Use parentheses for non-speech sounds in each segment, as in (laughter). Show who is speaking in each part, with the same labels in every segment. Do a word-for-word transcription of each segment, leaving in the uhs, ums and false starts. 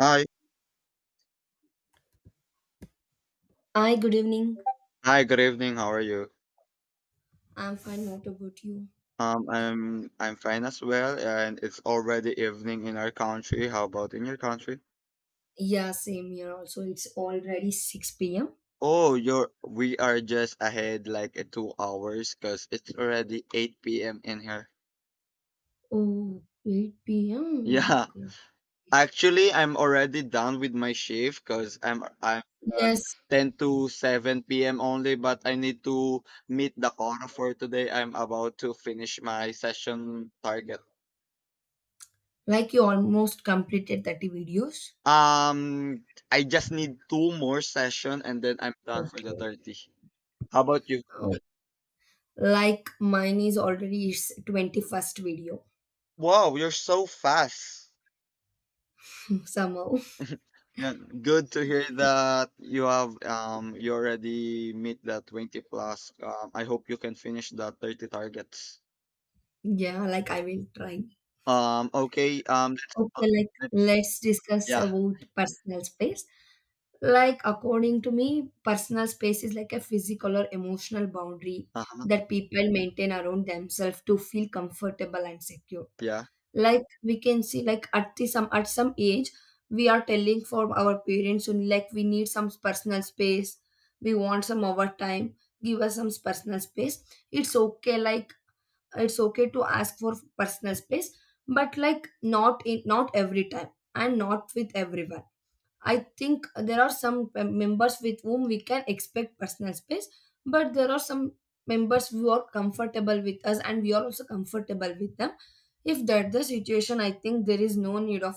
Speaker 1: Hi.
Speaker 2: Hi, good evening.
Speaker 1: Hi, good evening. How are you?
Speaker 2: I'm fine. What about you?
Speaker 1: Um, I'm I'm fine as well, and it's already evening in our country. How about in your country?
Speaker 2: Yeah, same here also. It's already six p m.
Speaker 1: Oh, you're We are just ahead like uh, two hours because it's already eight p m in here.
Speaker 2: Oh, 8
Speaker 1: (laughs)
Speaker 2: p.m.
Speaker 1: Yeah.
Speaker 2: Okay.
Speaker 1: Actually, I'm already done with my shift because I'm I'm
Speaker 2: Yes,
Speaker 1: ten to seven p m only, but I need to meet the corner for today. I'm about to finish my session target.
Speaker 2: like you almost completed thirty videos.
Speaker 1: Um, I just need two more session and then I'm done for the
Speaker 2: Okay.
Speaker 1: thirty. How about you?
Speaker 2: Oh, like mine is already its twenty-first video
Speaker 1: Wow, you're so fast.
Speaker 2: (laughs) somehow.
Speaker 1: (laughs) Yeah, good to hear that you have um you already meet the twenty plus. Um, I hope you can finish the thirty targets.
Speaker 2: Yeah, like I will try.
Speaker 1: Um, okay, um, let's, uh,
Speaker 2: Okay, like
Speaker 1: let's-
Speaker 2: let's discuss
Speaker 1: yeah,
Speaker 2: about personal space. Like according to me, personal space is like a physical or emotional boundary
Speaker 1: uh-huh,
Speaker 2: that people maintain around themselves to feel comfortable and secure.
Speaker 1: yeah.
Speaker 2: Like we can see, like at the, some at some age we are telling for our parents only like we need some personal space, we want some overtime, give us some personal space. It's okay, like it's okay to ask for personal space, but like not in not every time and not with everyone. I think there are some mem- members with whom we can expect personal space, but there are some members who are comfortable with us and we are also comfortable with them. If that's the situation, I think there is no need of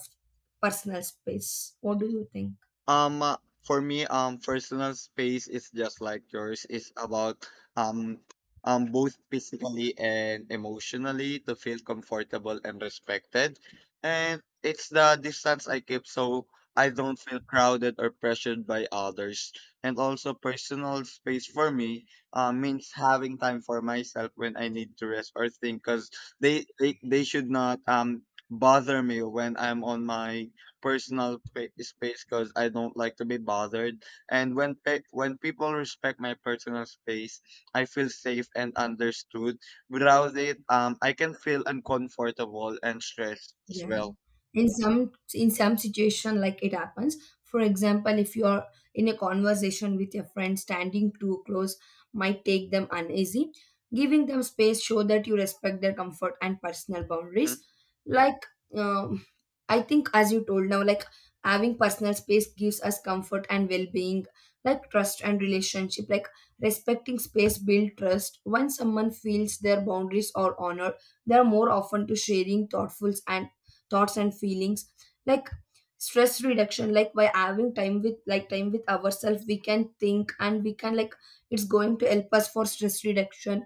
Speaker 2: personal space. What do you think?
Speaker 1: Um, uh, for me, um, personal space is just like yours. It's about um, um, both physically and emotionally to feel comfortable and respected. And it's the distance I keep so I don't feel crowded or pressured by others. And also, personal space for me uh, means having time for myself when I need to rest or think, because they, they they should not um bother me when I'm on my personal pa- space because I don't like to be bothered. And when pe- when people respect my personal space, I feel safe and understood. Without it, um, I can feel uncomfortable and stressed as
Speaker 2: Yeah.
Speaker 1: well.
Speaker 2: In some in some situation like it happens. For example, if you are in a conversation with your friend, standing too close might take them uneasy. Giving them space show that you respect their comfort and personal boundaries.
Speaker 1: Mhm.
Speaker 2: Like um, I think as you told now, like having personal space gives us comfort and well-being, like trust and relationship. Like respecting space build trust. When someone feels their boundaries are honored, they are more often to sharing thoughtful and thoughts and feelings, like stress reduction, like by having time with, like time with ourselves, we can think and we can like it's going to help us for stress reduction.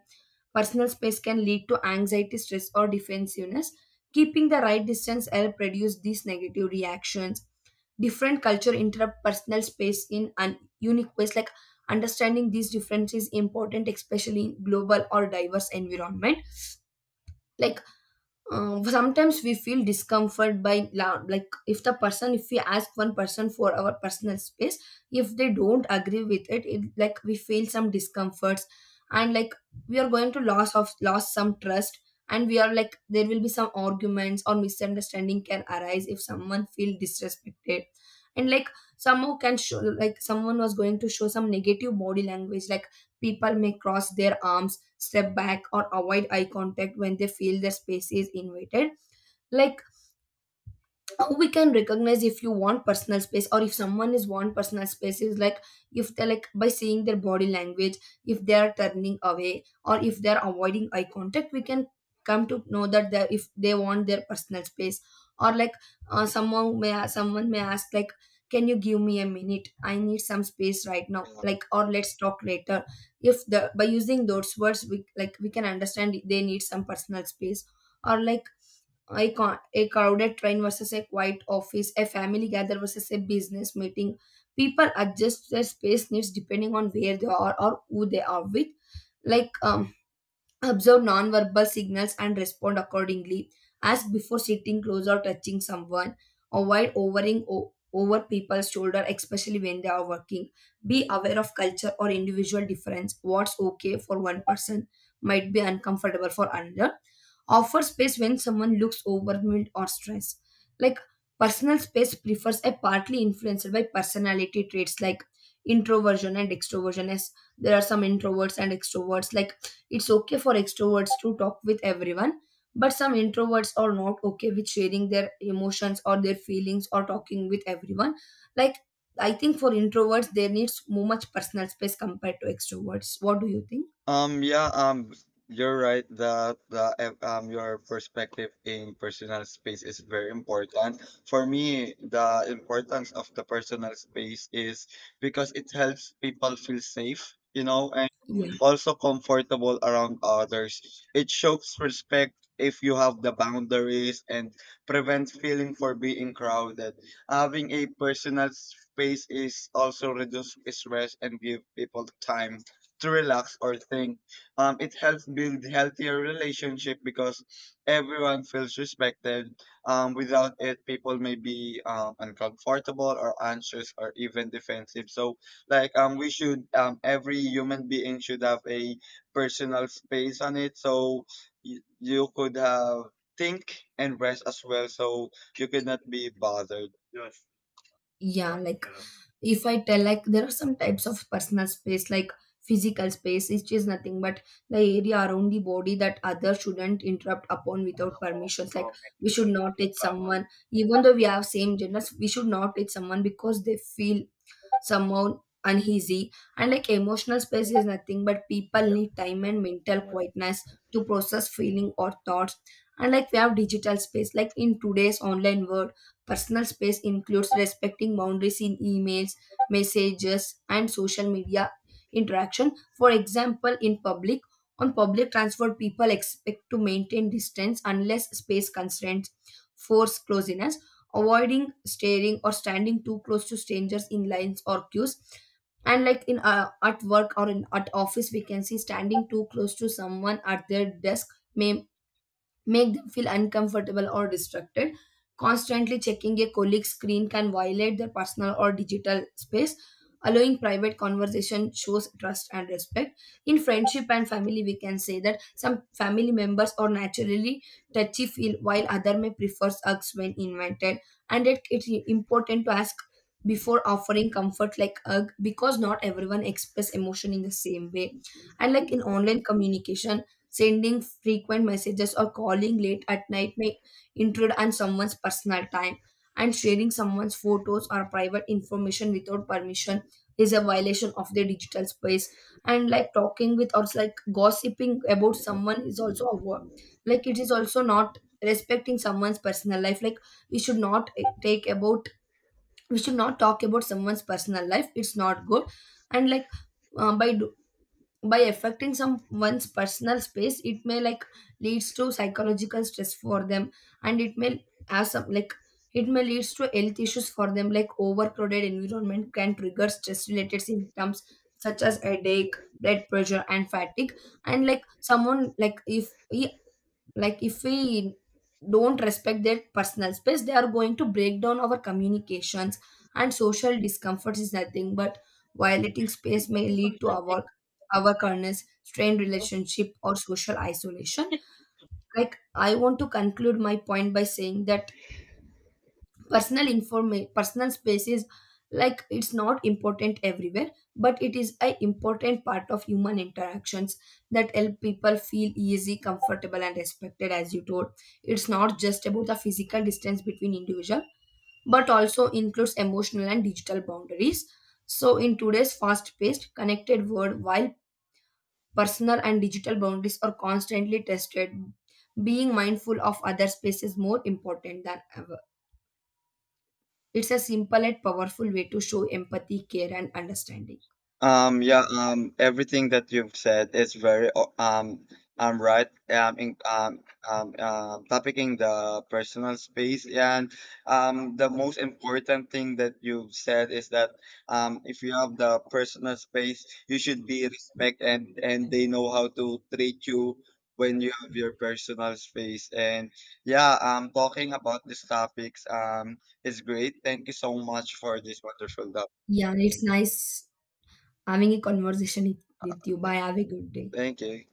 Speaker 2: Personal space can lead to anxiety, stress or defensiveness. Keeping the right distance help reduce these negative reactions. Different culture interrupt personal space in un- unique ways. Like understanding these differences is important, especially in global or diverse environment. Like um, sometimes we feel discomfort by la- like if the person, if we ask one person for our personal space, if they don't agree with it, it like we feel some discomforts, and like we are going to loss of loss some trust, and we are like there will be some arguments or misunderstanding can arise if someone feel disrespected. And like someone can show, like someone was going to show some negative body language, like people may cross their arms, step back, or avoid eye contact when they feel their space is invaded. Like how we can recognize if you want personal space or if someone is want personal space is like, if they're like by seeing their body language, if they are turning away or if they're avoiding eye contact, we can come to know that they, if they want their personal space. Or like uh, someone may a- someone may ask like, can you give me a minute, I need some space right now,
Speaker 1: Yeah.
Speaker 2: like, or let's talk later. If the by using those words we like we can understand they need some personal space. Or like a, con- a crowded train versus a quiet office, a family gather versus a business meeting. People adjust their space needs depending on where they are or who they are with. Like um, observe nonverbal signals and respond accordingly. Ask before sitting close or touching someone. Avoid overing o- over people's shoulder, especially when they are working. Be aware of culture or individual difference. What's okay for one person might be uncomfortable for another. Offer space when someone looks overwhelmed or stressed. Like personal space prefers a partly influenced by personality traits, like introversion and extroversion. As there are some introverts and extroverts, like it's okay for extroverts to talk with everyone, but some introverts are not okay with sharing their emotions or their feelings or talking with everyone. Like, I think for introverts, there needs more much personal space compared to extroverts. What do you think?
Speaker 1: Um. Yeah. Um. You're right, that the uh, um your perspective in personal space is very important. For me, the importance of the personal space is because it helps people feel safe. You know,
Speaker 2: Yeah.
Speaker 1: also comfortable around others. It shows respect if you have the boundaries and prevents feeling for being crowded. Having a personal space is also reduce stress and give people time to relax or think. Um, it helps build healthier relationship because everyone feels respected. Um, without it, people may be um, uncomfortable or anxious or even defensive. So like um we should um every human being should have a personal space on it so you, you could have think and rest as well so you could not be bothered.
Speaker 2: Yeah, like if I tell, like there are some types of personal space, like physical space, which is nothing but the area around the body that others shouldn't interrupt upon without permissions. Like we should not touch someone even though we have same genders, we should not touch someone because they feel somehow uneasy. And like emotional space is nothing but people need time and mental quietness to process feeling or thoughts. And like we have digital space, like in today's online world personal space includes respecting boundaries in emails, messages and social media interaction. For example, in public, on public transport, people expect to maintain distance unless space constraints force closeness, avoiding staring or standing too close to strangers in lines or queues. And like in uh, at work or in at office, we can see standing too close to someone at their desk may make them feel uncomfortable or distracted. Constantly checking a colleague's screen can violate their personal or digital space. Allowing private conversation shows trust and respect. In friendship and family, we can say that some family members are naturally touchy feel while other may prefer hugs when invited. And it, it's important to ask before offering comfort like hug, because not everyone express emotion in the same way. And like in online communication, sending frequent messages or calling late at night may intrude on someone's personal time. And sharing someone's photos or private information without permission is a violation of their digital space. And like talking with or like gossiping about someone is also a wo- like it is also not respecting someone's personal life. Like we should not e, take about we should not talk about someone's personal life. It's not good. And like uh, by do- by affecting someone's personal space, it may like leads to psychological stress for them, and it may have some like it may leads to health issues for them, like overcrowded environment can trigger stress related symptoms such as headache, blood pressure and fatigue. And like someone like if, like if we don't respect their personal space, they are going to break down our communications. And social discomfort is nothing but violating space may lead to our our awareness, strained relationship or social isolation. Like I want to conclude my point by saying that personal informa- personal space is like it's not important everywhere, but it is a important part of human interactions that help people feel easy, comfortable and respected. As you told, it's not just about the physical distance between individual, but also includes emotional and digital boundaries. So in today's fast paced connected world, while personal and digital boundaries are constantly tested, being mindful of other space is more important than ever. It's a simple and powerful way to show empathy, care, and understanding.
Speaker 1: Um, yeah, um, everything that you've said is very o- um, um right. Um, in, um, um, uh, topicking the personal space, and um, the most important thing that you've said is that um, if you have the personal space, you should be respect and and they know how to treat you when you have your personal space. And yeah, um, talking about these topics um is great. Thank you so much for this wonderful topic.
Speaker 2: Yeah, it's nice having a conversation with with you. Bye. Have a good day.
Speaker 1: Thank you.